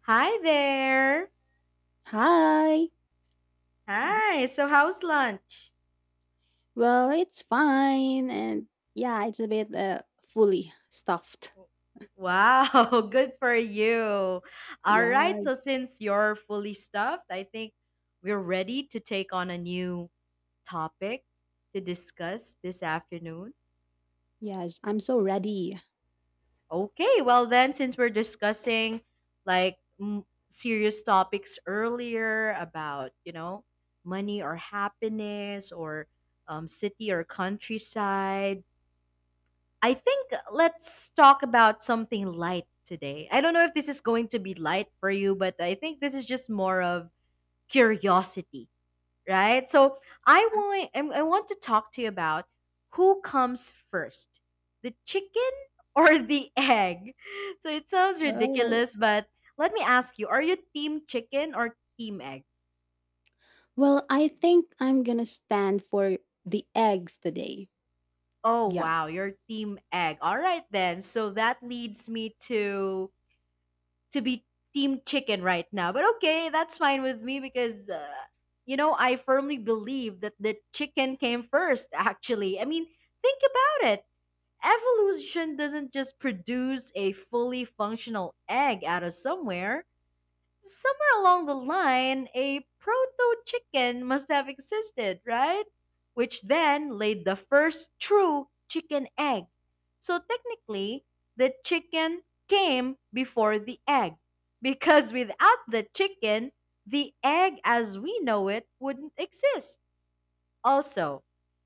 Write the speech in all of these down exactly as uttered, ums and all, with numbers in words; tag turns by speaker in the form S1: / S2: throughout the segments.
S1: Hi there.
S2: Hi. Mhm.
S1: Hi. So, how's lunch?
S2: Well, it's fine. And yeah, it's a bit uh, fully stuffed.
S1: Wow, good for you. All right.
S2: Yes,
S1: So, since you're fully stuffed, I think we're ready to take on a new topic to discuss this afternoon.
S2: yes. I'm so ready.
S1: Okay. Well, then, since we're discussing like m- serious topics earlier about, you know, money or happiness or um, city or countryside. I think let's talk about something light today. I don't know if this is going to be light for you, but I think this is just more of curiosity, right? So I want I want to talk to you about who comes first, the chicken or the egg. So it sounds
S2: Oh.
S1: ridiculous, but let me ask you: Are you team chicken or team egg?
S2: Well, I think I'm going to stand for the eggs today.
S1: Oh
S2: Yeah.
S1: wow, you're team egg. All right then. So that leads me to to be team chicken right now. But okay, that's fine with me because uh, you know, I firmly believe that the chicken came first actually. I mean, think about it. Evolution doesn't just produce a fully functional egg out of somewhere. Somewhere along the line, a proto chicken must have existed, right? Which then laid the first true chicken egg. So technically, the chicken came before the egg because without the chicken, the egg as we know it wouldn't exist. Also,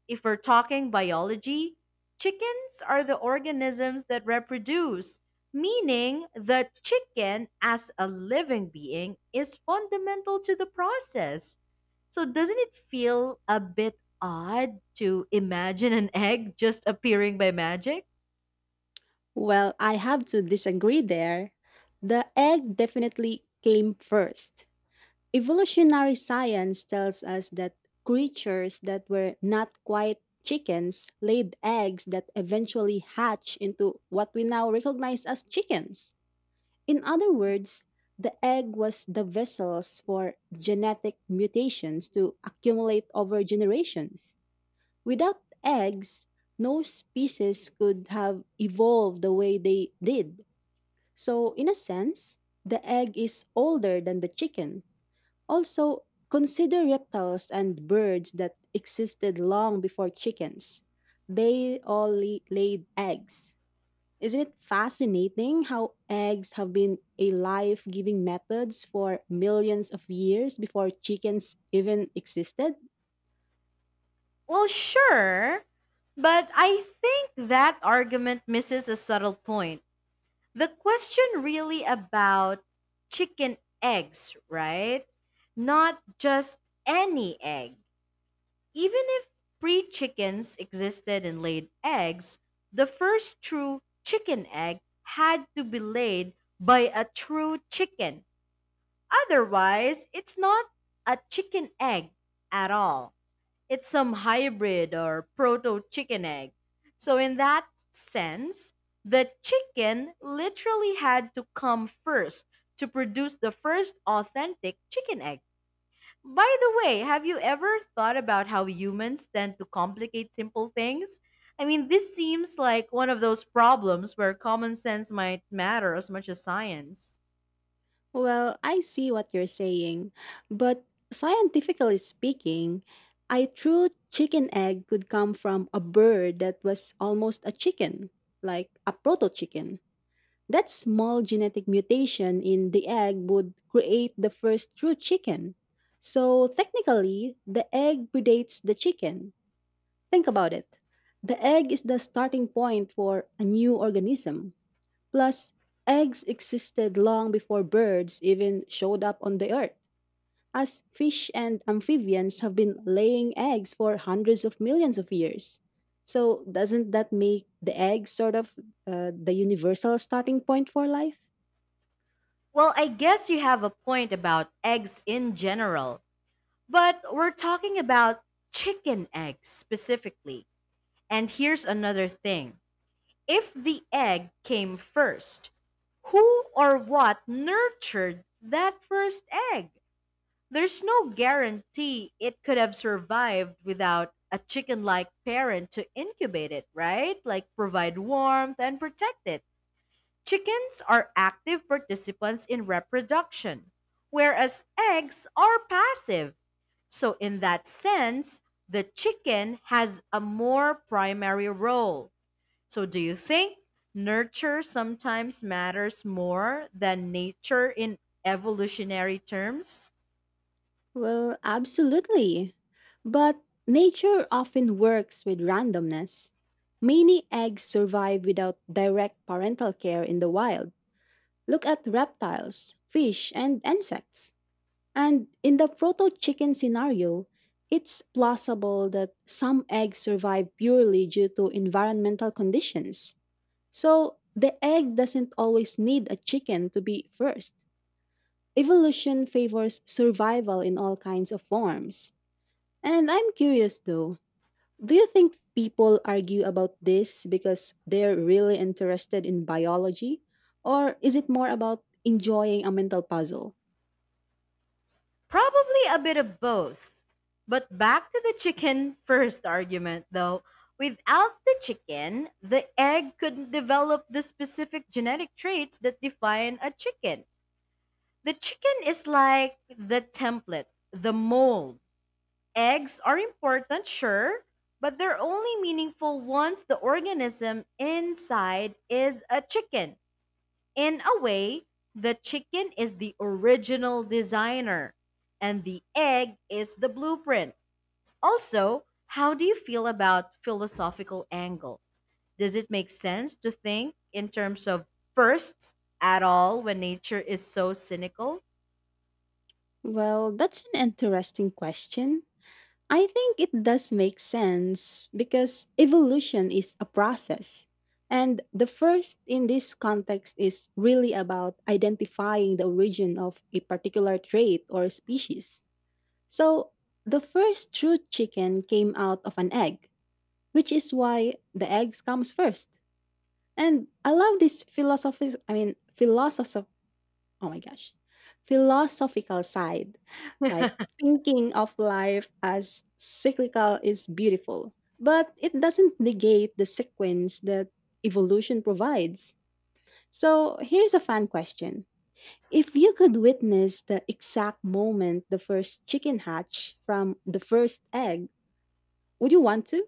S1: if we're talking biology, chickens are the organisms that reproduce, meaning the chicken as a living being is fundamental to the process. So, doesn't it feel a bit odd to imagine an egg just appearing by magic?
S2: Well, I have to disagree there. The egg definitely came first. Evolutionary science tells us that creatures that were not quite chickens laid eggs that eventually hatch into what we now recognize as chickens. In other words, the egg was the vessels for genetic mutations to accumulate over generations. Without eggs, no species could have evolved the way they did. So, in a sense, the egg is older than the chicken. Also, consider reptiles and birds that existed long before chickens. They all la- laid eggs. Isn't it fascinating how eggs have been a life giving methods for millions of years before chickens even existed?
S1: Well, sure, but I think that argument misses a subtle point. The question really about chicken eggs, right? Not just any egg. Even if pre chickens existed and laid eggs, the first true chicken egg had to be laid by a true chicken. Otherwise, it's not a chicken egg at all. It's some hybrid or proto chicken egg. So, in that sense, the chicken literally had to come first to produce the first authentic chicken egg. By the way, have you ever thought about how humans tend to complicate simple things? I mean, this seems like one of those problems where common sense might matter as much as science.
S2: Well, I see what you're saying, but scientifically speaking, a true chicken egg could come from a bird that was almost a chicken, like a proto chicken. That small genetic mutation in the egg would create the first true chicken. So technically, the egg predates the chicken. Think about it. The egg is the starting point for a new organism. Plus, eggs existed long before birds even showed up on the earth, as fish and amphibians have been laying eggs for hundreds of millions of years. So, doesn't that make the egg sort of uh, the universal starting point for life?
S1: Well, I guess you have a point about eggs in general. But we're talking about chicken eggs specifically. And here's another thing. If the egg came first, who or what nurtured that first egg? There's no guarantee it could have survived without a chicken like parent to incubate it, right? Like provide warmth and protect it. Chickens are active participants in reproduction, whereas eggs are passive. So, in that sense, the chicken has a more primary role. So, do you think nurture sometimes matters more than nature in evolutionary terms?
S2: Well, absolutely. But nature often works with randomness. Many eggs survive without direct parental care in the wild. Look at reptiles, fish, and insects. And in the proto chicken scenario, it's plausible that some eggs survive purely due to environmental conditions. So the egg doesn't always need a chicken to be first. Evolution favors survival in all kinds of forms. And I'm curious though, do you think people argue about this because they're really interested in biology? Or is it more about enjoying a mental puzzle?
S1: Probably a bit of both. But back to the chicken first argument, though. Without the chicken, the egg couldn't develop the specific genetic traits that define a chicken. The chicken is like the template, the mold. Eggs are important, sure, but they're only meaningful once the organism inside is a chicken. In a way, the chicken is the original designer and the egg is the blueprint. Also, how do you feel about philosophical angle? Does it make sense to think in terms of firsts at all when nature is so cynical?
S2: Well, that's an interesting question. I think it does make sense because evolution is a process. And the first in this context is really about identifying the origin of a particular trait or species. So the first true chicken came out of an egg, which is why the eggs comes first. And I love this philosophy I mean philosoph oh my gosh. philosophical side. Like thinking of life as cyclical is beautiful. But it doesn't negate the sequence that evolution provides. So here's a fun question. If you could witness the exact moment the first chicken hatch from the first egg, would you want to?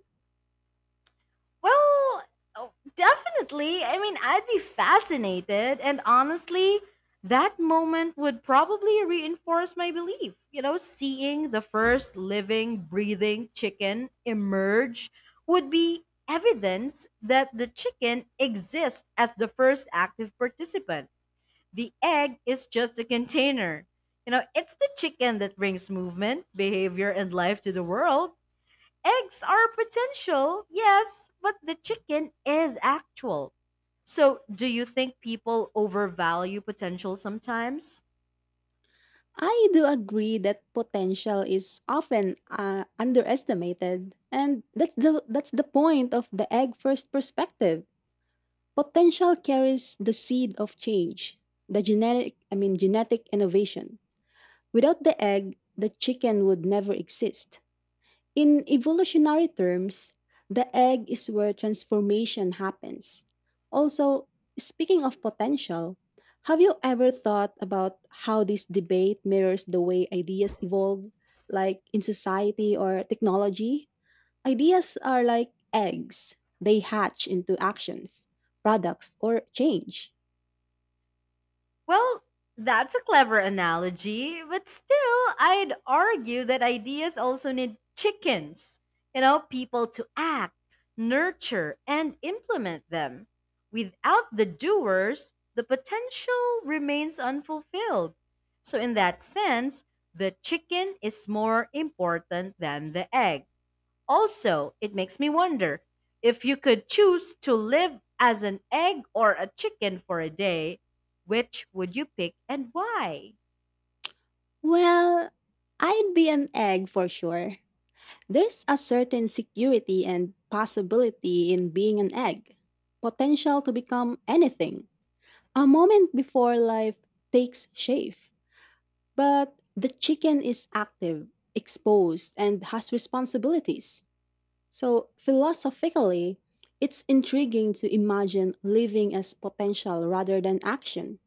S1: Well, oh, definitely. I mean, I'd be fascinated. And honestly, that moment would probably reinforce my belief. You know, seeing the first living, breathing chicken emerge would be evidence that the chicken exists as the first active participant. The egg is just a container. You know, it's the chicken that brings movement, behavior, and life to the world. Eggs are potential, yes, but the chicken is actual. So, do you think people overvalue potential sometimes?
S2: I do agree that potential is often uh, underestimated, and that's the that's the point of the egg first perspective. Potential carries the seed of change, the genetic I mean genetic innovation. Without the egg, the chicken would never exist. In evolutionary terms, the egg is where transformation happens. Also, speaking of potential, have you ever thought about how this debate mirrors the way ideas evolve, like in society or technology? Ideas are like eggs, they hatch into actions, products, or change.
S1: Well, that's a clever analogy, but still, I'd argue that ideas also need chickens. You know, people to act, nurture, and implement them. Without the doers, the potential remains unfulfilled. So, in that sense, the chicken is more important than the egg. Also, it makes me wonder if you could choose to live as an egg or a chicken for a day, which would you pick and why?
S2: Well, I'd be an egg for sure. There's a certain security and possibility in being an egg, potential to become anything, a moment before life takes shape. But the chicken is active, exposed, and has responsibilities. So, philosophically, it's intriguing to imagine living as potential rather than action.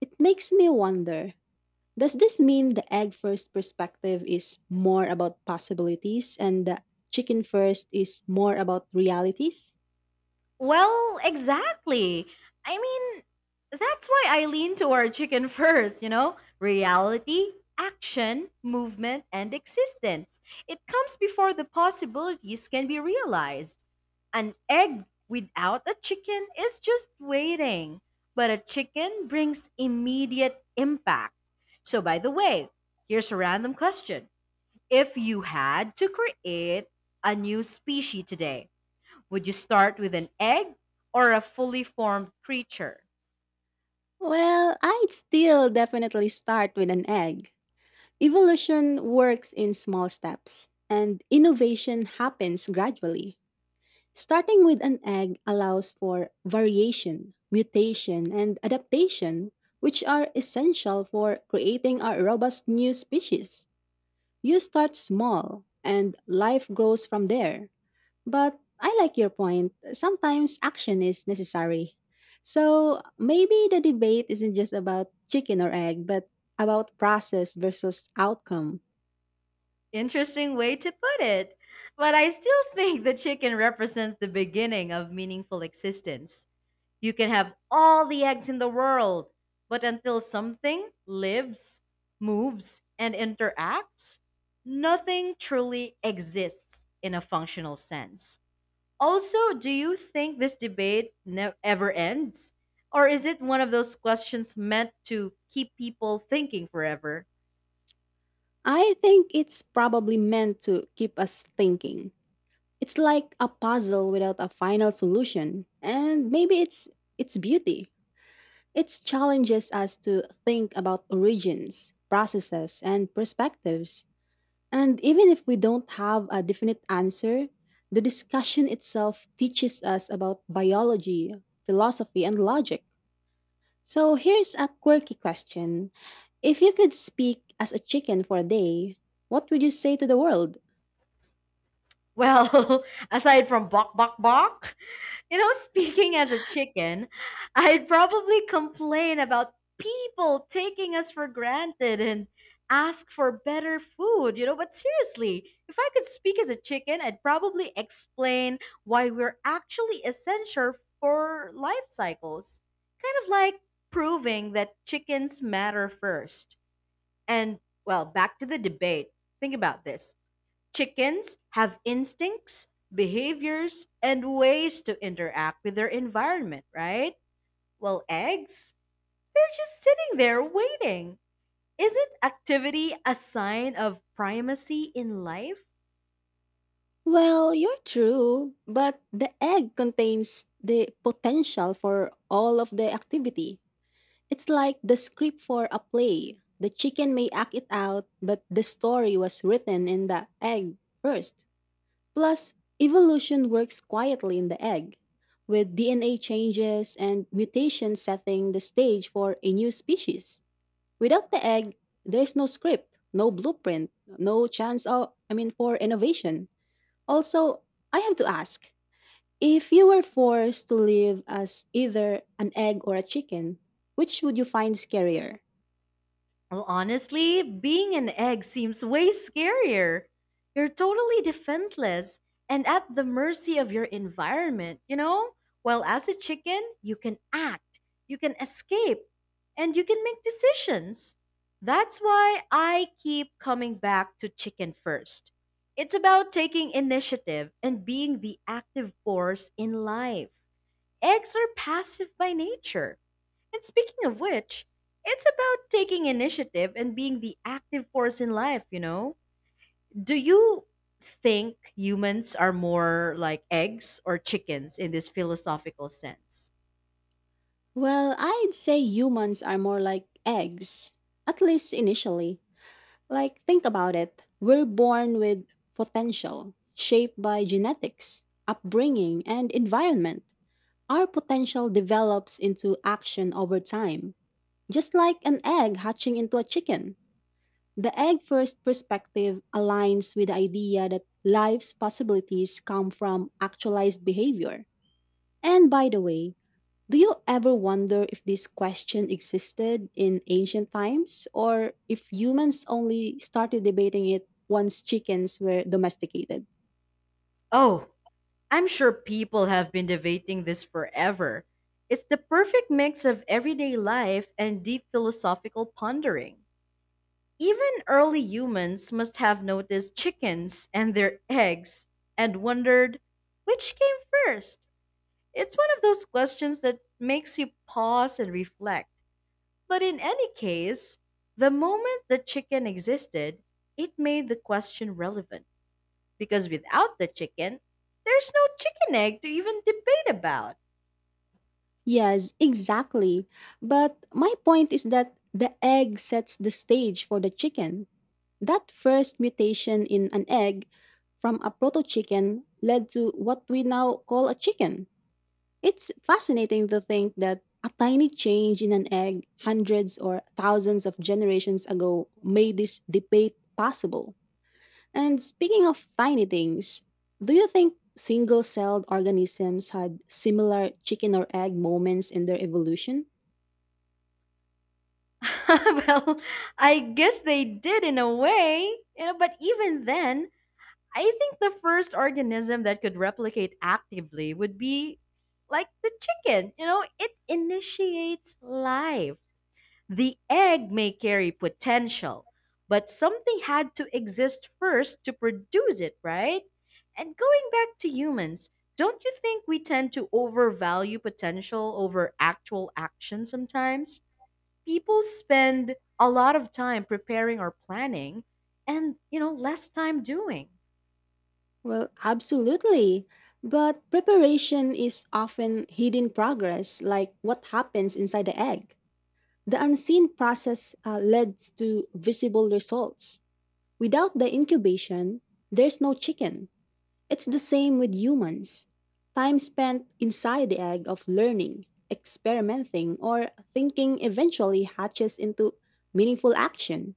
S2: It makes me wonder, does this mean the egg first perspective is more about possibilities and the chicken first is more about realities?
S1: Well, exactly. I mean, that's why I lean toward chicken first, you know? Reality, action, movement, and existence. It comes before the possibilities can be realized. An egg without a chicken is just waiting, but a chicken brings immediate impact. So, by the way, here's a random question. If you had to create a new species today, would you start with an egg or a fully formed creature?
S2: Well, I'd still definitely start with an egg. Evolution works in small steps, and innovation happens gradually. Starting with an egg allows for variation, mutation, and adaptation, which are essential for creating a robust new species. You start small and life grows from there. But I like your point. Sometimes action is necessary. So maybe the debate isn't just about chicken or egg, but about process versus outcome.
S1: Interesting way to put it, but I still think the chicken represents the beginning of meaningful existence. You can have all the eggs in the world, but until something lives, moves, and interacts, nothing truly exists in a functional sense. Also, do you think this debate ne- ever ends? Or is it one of those questions meant to keep people thinking forever?
S2: I think it's probably meant to keep us thinking. It's like a puzzle without a final solution, and maybe it's its beauty. It challenges us to think about origins, processes, and perspectives. And even if we don't have a definite answer, the discussion itself teaches us about biology, philosophy, and logic. So here's a quirky question. If you could speak as a chicken for a day, what would you say to the world?
S1: Well, aside from bok bok bok, You know, speaking as a chicken, I'd probably complain about people taking us for granted and ask for better food, you know. But seriously, if I could speak as a chicken, I'd probably explain why we're actually essential for life cycles. Kind of like proving that chickens matter first. And, well, back to the debate. Think about this. Chickens have instincts, behaviors, and ways to interact with their environment, right? Well, eggs, they're just sitting there waiting. Isn't activity a sign of primacy in life?
S2: Well, you're true, but the egg contains the potential for all of the activity. It's like the script for a play. The chicken may act it out, but the story was written in the egg first. Plus, evolution works quietly in the egg, with D N A changes and mutations setting the stage for a new species. Without the egg, there's no script, no blueprint, no chance of, I mean, for innovation. Also, I have to ask, if you were forced to live as either an egg or a chicken, which would you find scarier?
S1: Well, honestly, being an egg seems way scarier. You're totally defenseless and at the mercy of your environment, you know? While as a chicken, you can act, you can escape, and you can make decisions. That's why I keep coming back to chicken first. It's about taking initiative and being the active force in life. Eggs are passive by nature and speaking of which, it's about taking initiative and being the active force in life, you know? Do you think humans are more like eggs or chickens in this philosophical sense?
S2: Well, I'd say humans are more like eggs, at least initially. Like, think about it. We're born with potential, shaped by genetics, upbringing, and environment. Our potential develops into action over time, just like an egg hatching into a chicken. The egg first perspective aligns with the idea that life's possibilities come from actualized behavior. And by the way, do you ever wonder if this question existed in ancient times or if humans only started debating it once chickens were domesticated?
S1: Oh, I'm sure people have been debating this forever. It's the perfect mix of everyday life and deep philosophical pondering. Even early humans must have noticed chickens and their eggs and wondered which came first. It's one of those questions that makes you pause and reflect. But in any case, the moment the chicken existed, it made the question relevant because without the chicken, there's no chicken egg to even debate about.
S2: Yes, exactly. But my point is that the egg sets the stage for the chicken. That first mutation in an egg from a proto chicken led to what we now call a chicken. It's fascinating to think that a tiny change in an egg hundreds or thousands of generations ago made this debate possible. And speaking of tiny things, do you think single celled organisms had similar chicken or egg moments in their evolution?
S1: Well, I guess they did in a way, you know, but even then, I think the first organism that could replicate actively would be like the chicken, you know, it initiates life. The egg may carry potential, but something had to exist first to produce it, right? And going back to humans, don't you think we tend to overvalue potential over actual action sometimes? People spend a lot of time preparing or planning and, you know, less time doing.
S2: Well, absolutely. But preparation is often hidden progress, like what happens inside the egg. The unseen process uh, leads to visible results. Without the incubation, there's no chicken. It's the same with humans. Time spent inside the egg of learning, experimenting, or thinking eventually hatches into meaningful action.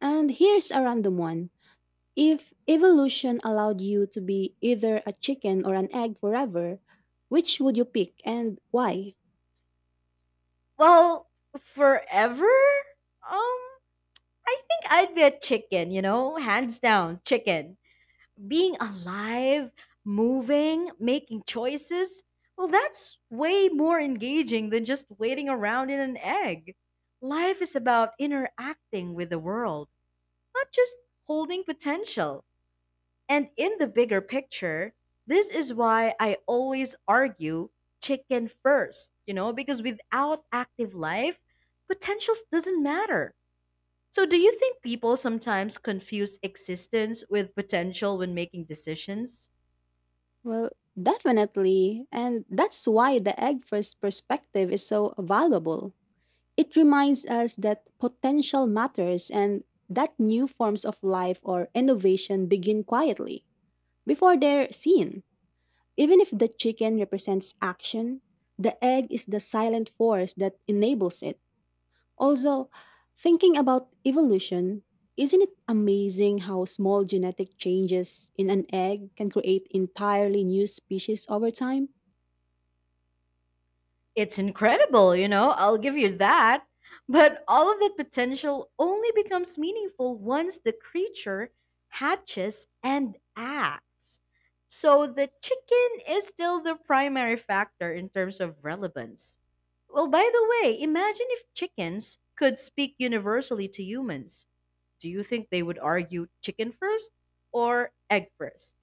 S2: And here's a random one. If evolution allowed you to be either a chicken or an egg forever, which would you pick and why?
S1: Well, forever? Um, I think I'd be a chicken, you know, hands down, chicken. Being alive, moving, making choices, well, that's way more engaging than just waiting around in an egg. Life is about interacting with the world, not just holding potential. And in the bigger picture, this is why I always argue chicken first, you know, because without active life, potential doesn't matter. So, do you think people sometimes confuse existence with potential when making decisions?
S2: Well, definitely. And that's why the egg first perspective is so valuable. It reminds us that potential matters and that new forms of life or innovation begin quietly, before they're seen. Even if the chicken represents action, the egg is the silent force that enables it. Also, thinking about evolution, isn't it amazing how small genetic changes in an egg can create entirely new species over time?
S1: It's incredible, you know, I'll give you that. But all of that potential only becomes meaningful once the creature hatches and acts. So the chicken is still the primary factor in terms of relevance. Well, by the way, imagine if chickens could speak universally to humans. Do you think they would argue chicken first or egg first?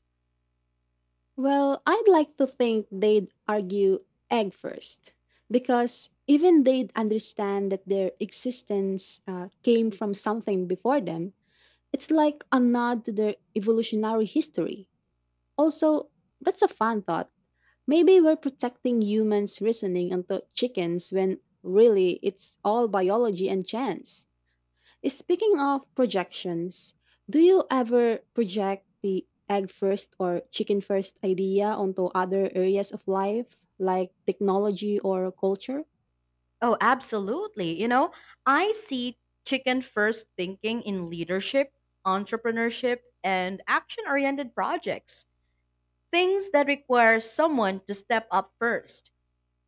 S2: Well, I'd like to think they'd argue egg first, because even they'd understand that their existence uh, came from something before them. It's like a nod to their evolutionary history. Also, that's a fun thought. Maybe we're protecting humans' reasoning until chickens when really it's all biology and chance. Speaking of projections, do you ever project the egg first or chicken first idea onto other areas of life, like technology or culture?
S1: Oh, absolutely. You know, I see chicken first thinking in leadership, entrepreneurship, and action oriented projects. Things that require someone to step up first.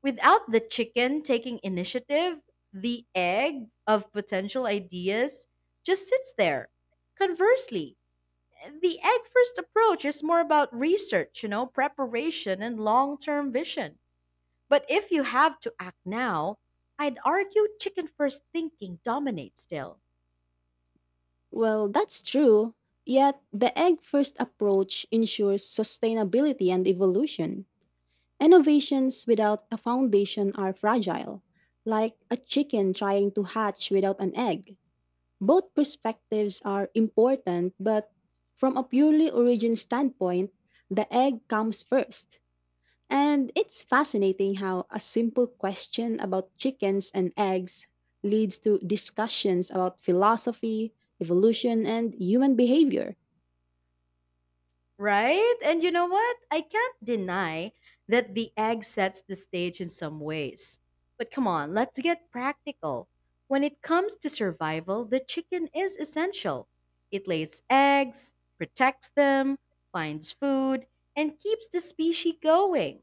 S1: Without the chicken taking initiative, the egg of potential ideas just sits there. Conversely, the egg first approach is more about research, you know, preparation, and long term vision. But if you have to act now, I'd argue chicken first thinking dominates still,
S2: Well, that's true. Yet, the egg first approach ensures sustainability and evolution. Innovations without a foundation are fragile, like a chicken trying to hatch without an egg. Both perspectives are important, but from a purely origin standpoint, the egg comes first. And it's fascinating how a simple question about chickens and eggs leads to discussions about philosophy, evolution, and human behavior.
S1: right? And you know what? I can't deny that the egg sets the stage in some ways. But come on, let's get practical. When it comes to survival, the chicken is essential. It lays eggs, protects them, finds food, and keeps the species going.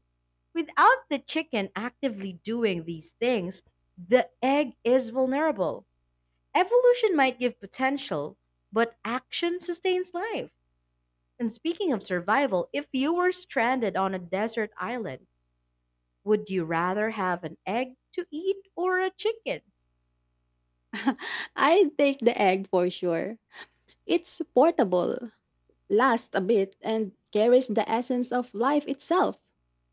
S1: Without the chicken actively doing these things, the egg is vulnerable. Evolution might give potential, but action sustains life. And speaking of survival, if you were stranded on a desert island, would you rather have an egg to eat or a chicken?
S2: I take the egg for sure. It's portable, lasts a bit, and carries the essence of life itself,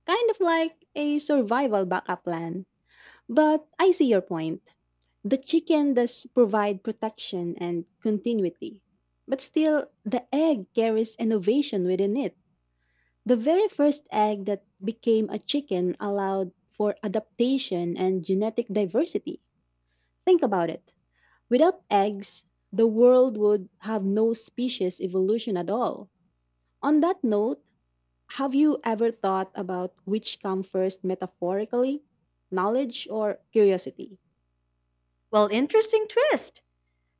S2: kind of like a survival backup plan. But I see your point. The chicken does provide protection and continuity. But still, the egg carries innovation within it. The very first egg that became a chicken allowed for adaptation and genetic diversity. Think about it. Without eggs, the world would have no species evolution at all. On that note, have you ever thought about which comes first metaphorically? Knowledge or curiosity?
S1: Well, interesting twist.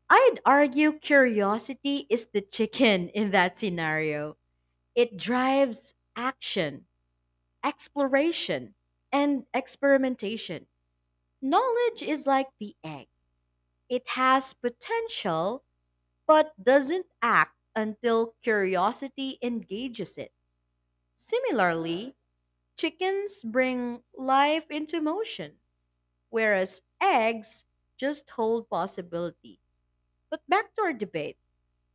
S1: I'd argue curiosity is the chicken in that scenario. It drives action, exploration, and experimentation. Knowledge is like the egg. It has potential, but doesn't act until curiosity engages it. Similarly, chickens bring life into motion, whereas eggs just hold possibility. But back to our debate.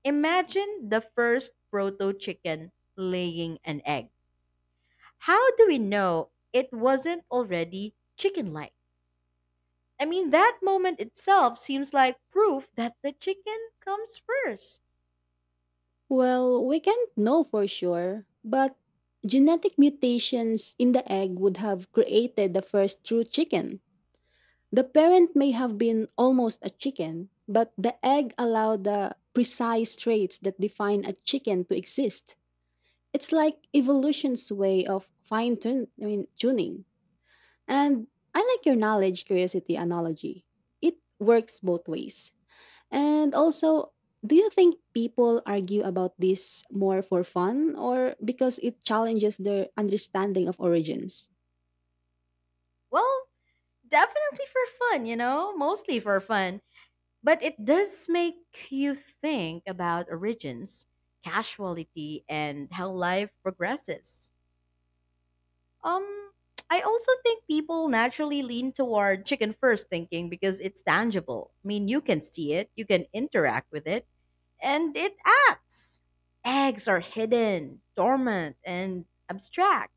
S1: Imagine the first proto chicken laying an egg. How do we know it wasn't already chicken like? I mean, that moment itself seems like proof that the chicken comes first.
S2: Well, we can't know for sure, but genetic mutations in the egg would have created the first true chicken. The parent may have been almost a chicken, but the egg allowed the precise traits that define a chicken to exist. It's like evolution's way of fine tun- I mean, tuning. And I like your knowledge curiosity analogy. It works both ways. And also, do you think people argue about this more for fun or because it challenges their understanding of origins?
S1: Well, definitely for fun, you know, mostly for fun. But it does make you think about origins, casualty, and how life progresses. Um, I also think people naturally lean toward chicken first thinking because it's tangible. I mean, you can see it, you can interact with it, and it acts. Eggs are hidden, dormant, and abstract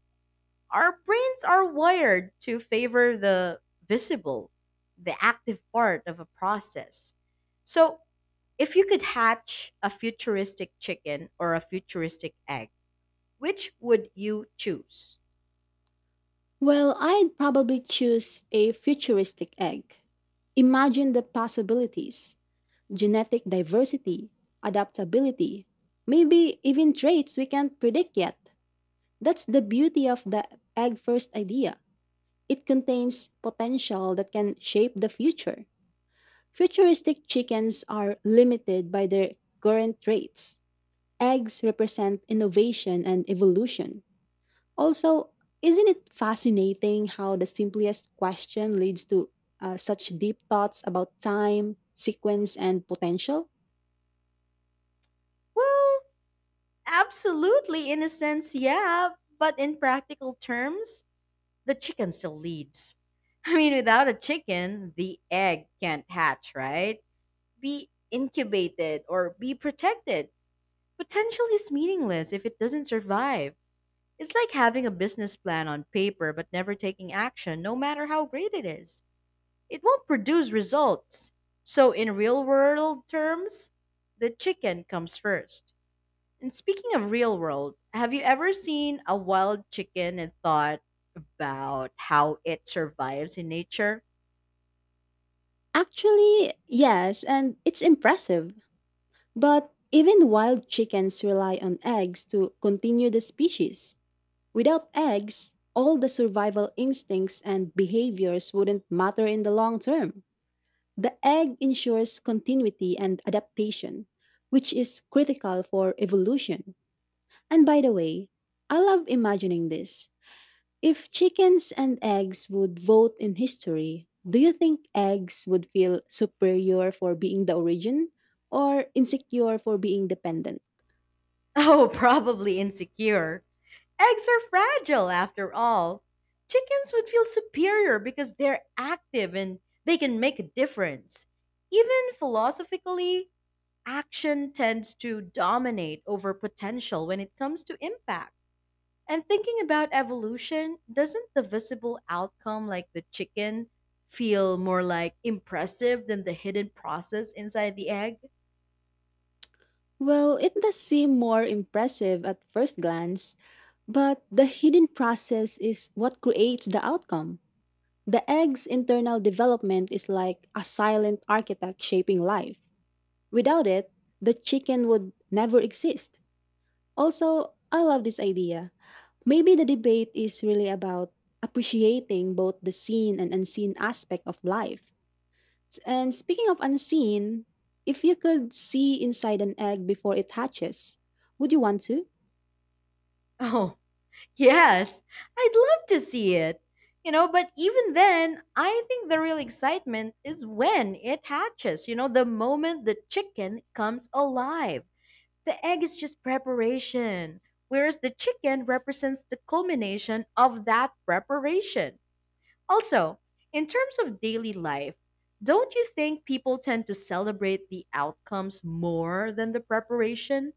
S1: our brains are wired to favor the visible, the active part of a process. So, if you could hatch a futuristic chicken or a futuristic egg, which would you choose?
S2: Well, I'd probably choose a futuristic egg. Imagine the possibilities, genetic diversity, adaptability, maybe even traits we can't predict yet. That's the beauty of the egg first idea. It contains potential that can shape the future. Futuristic chickens are limited by their current traits. Eggs represent innovation and evolution. Also, isn't it fascinating how the simplest question leads to uh, such deep thoughts about time, sequence, and potential?
S1: Well, absolutely, in a sense, yeah, but in practical terms, the chicken still leads. I mean, without a chicken, the egg can't hatch, right? Be incubated or be protected. Potential is meaningless if it doesn't survive. It's like having a business plan on paper but never taking action, no matter how great it is. It won't produce results. So, in real world terms, the chicken comes first. And speaking of real world, have you ever seen a wild chicken and thought about how it survives in nature?
S2: Actually, yes, and it's impressive. But even wild chickens rely on eggs to continue the species. Without eggs, all the survival instincts and behaviors wouldn't matter in the long term. The egg ensures continuity and adaptation, which is critical for evolution. And by the way, I love imagining this. If chickens and eggs would vote in history, do you think eggs would feel superior for being the origin or insecure for being dependent?
S1: Oh, probably insecure. Eggs are fragile after all. Chickens would feel superior because they're active and they can make a difference. Even philosophically, action tends to dominate over potential when it comes to impact. And thinking about evolution, doesn't the visible outcome, like the chicken, feel more like impressive than the hidden process inside the egg?
S2: Well, it does seem more impressive at first glance, but the hidden process is what creates the outcome. The egg's internal development is like a silent architect shaping life. Without it, the chicken would never exist. Also, I love this idea. Maybe the debate is really about appreciating both the seen and unseen aspect of life. S- And speaking of unseen, if you could see inside an egg before it hatches, would you want to?
S1: Oh, yes, I'd love to see it. You know, but even then, I think the real excitement is when it hatches. You know, the moment the chicken comes alive. The egg is just preparation, whereas the chicken represents the culmination of that preparation. Also, in terms of daily life, don't you think people tend to celebrate the outcomes more than the preparation?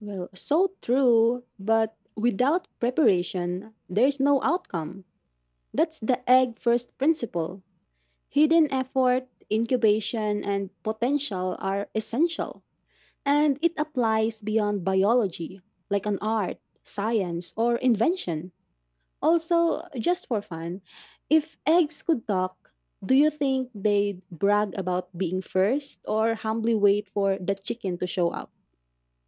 S2: Well, so true, but without preparation, there's no outcome. That's the egg first principle. Hidden effort, incubation, and potential are essential, and it applies beyond biology, like an art, science, or invention. Also, just for fun, if eggs could talk, do you think they'd brag about being first or humbly wait for the chicken to show up?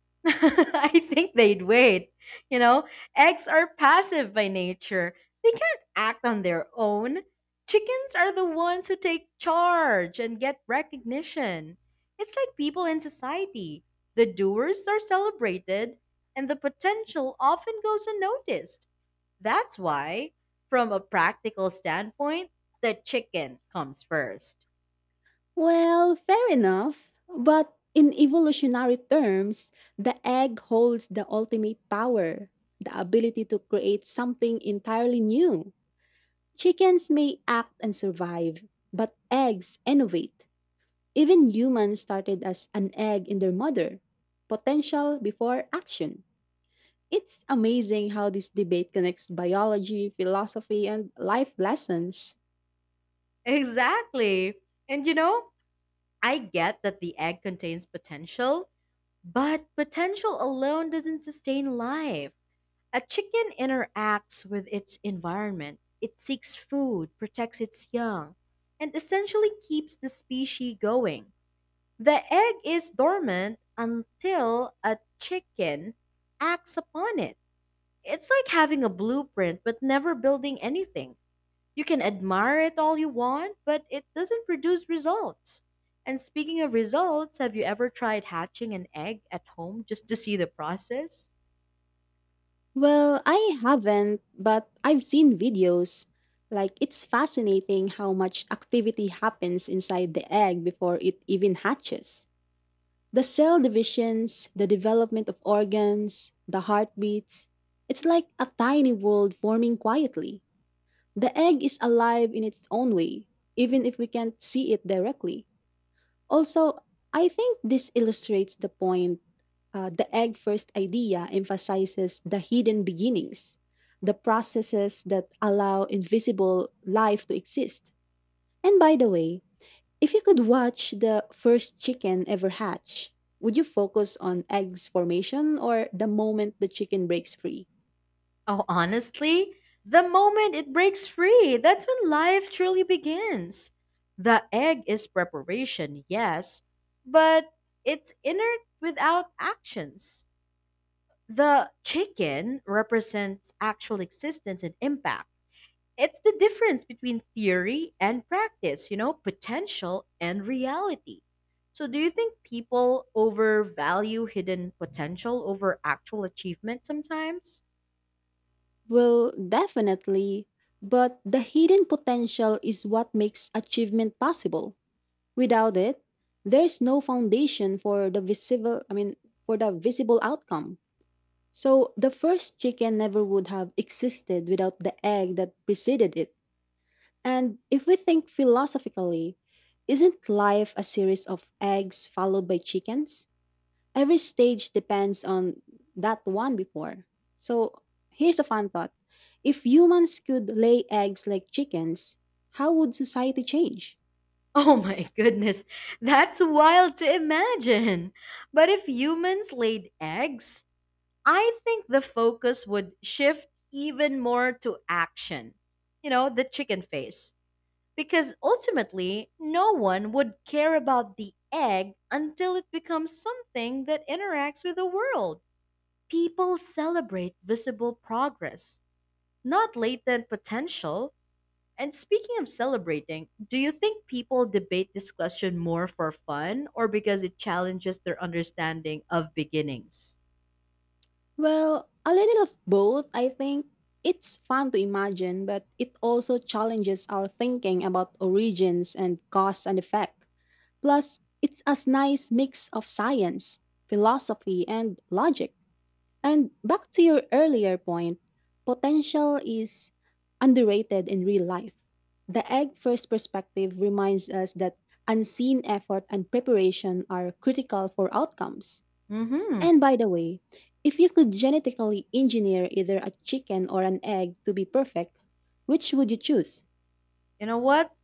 S1: I think they'd wait. You know, eggs are passive by nature. They can't act on their own. Chickens are the ones who take charge and get recognition. It's like people in society. The doers are celebrated, and the potential often goes unnoticed. That's why, from a practical standpoint, the chicken comes first.
S2: Well, fair enough. But in evolutionary terms, the egg holds the ultimate power, the ability to create something entirely new. Chickens may act and survive, but eggs innovate. Even humans started as an egg in their mother. Potential before action. It's amazing how this debate connects biology, philosophy, and life lessons.
S1: Exactly. And you know, I get that the egg contains potential, but potential alone doesn't sustain life. A chicken interacts with its environment. It seeks food, protects its young, and essentially keeps the species going. The egg is dormant until a chicken acts upon it. It's like having a blueprint but never building anything. You can admire it all you want, but it doesn't produce results. And speaking of results, have you ever tried hatching an egg at home just to see the process?
S2: Well, I haven't, but I've seen videos. Like, it's fascinating how much activity happens inside the egg before it even hatches. The cell divisions, the development of organs, the heartbeats. It's like a tiny world forming quietly. The egg is alive in its own way, even if we can't see it directly. Also, I think this illustrates the point. Uh, the egg first idea emphasizes the hidden beginnings, the processes that allow invisible life to exist. And by the way, if you could watch the first chicken ever hatch, would you focus on eggs formation or the moment the chicken breaks free?
S1: Oh, honestly, the moment it breaks free, that's when life truly begins. The egg is preparation, yes, but it's inert without actions. The chicken represents actual existence and impact. It's the difference between theory and practice, you know, potential and reality. So, do you think people overvalue hidden potential over actual achievement sometimes?
S2: Well, definitely. But the hidden potential is what makes achievement possible. Without it, there is no foundation for the visible, I mean, for the visible outcome. So the first chicken never would have existed without the egg that preceded it. And if we think philosophically, isn't life a series of eggs followed by chickens? Every stage depends on that one before. So here's a fun thought. If humans could lay eggs like chickens, how would society change?
S1: Oh my goodness, that's wild to imagine. But if humans laid eggs, I think the focus would shift even more to action. You know, the chicken face. Because ultimately, no one would care about the egg until it becomes something that interacts with the world. People celebrate visible progress, not latent potential. And speaking of celebrating, do you think people debate this question more for fun or because it challenges their understanding of beginnings?
S2: Well, a little of both, I think. It's fun to imagine, but it also challenges our thinking about origins and cause and effect. Plus, it's a nice mix of science, philosophy, and logic. And back to your earlier point, potential is underrated in real life. The egg first perspective reminds us that unseen effort and preparation are critical for outcomes.
S1: Mhm.
S2: And by the way, if you could genetically engineer either a chicken or an egg to be perfect, which would you choose?
S1: You know what?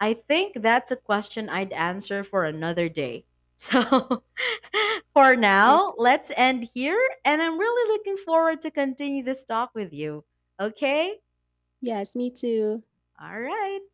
S1: I think that's a question I'd answer for another day. So for
S2: Oh,
S1: now, let's end here, and I'm really looking forward to continue this talk with you. Okay?
S2: yes, me too.
S1: All right.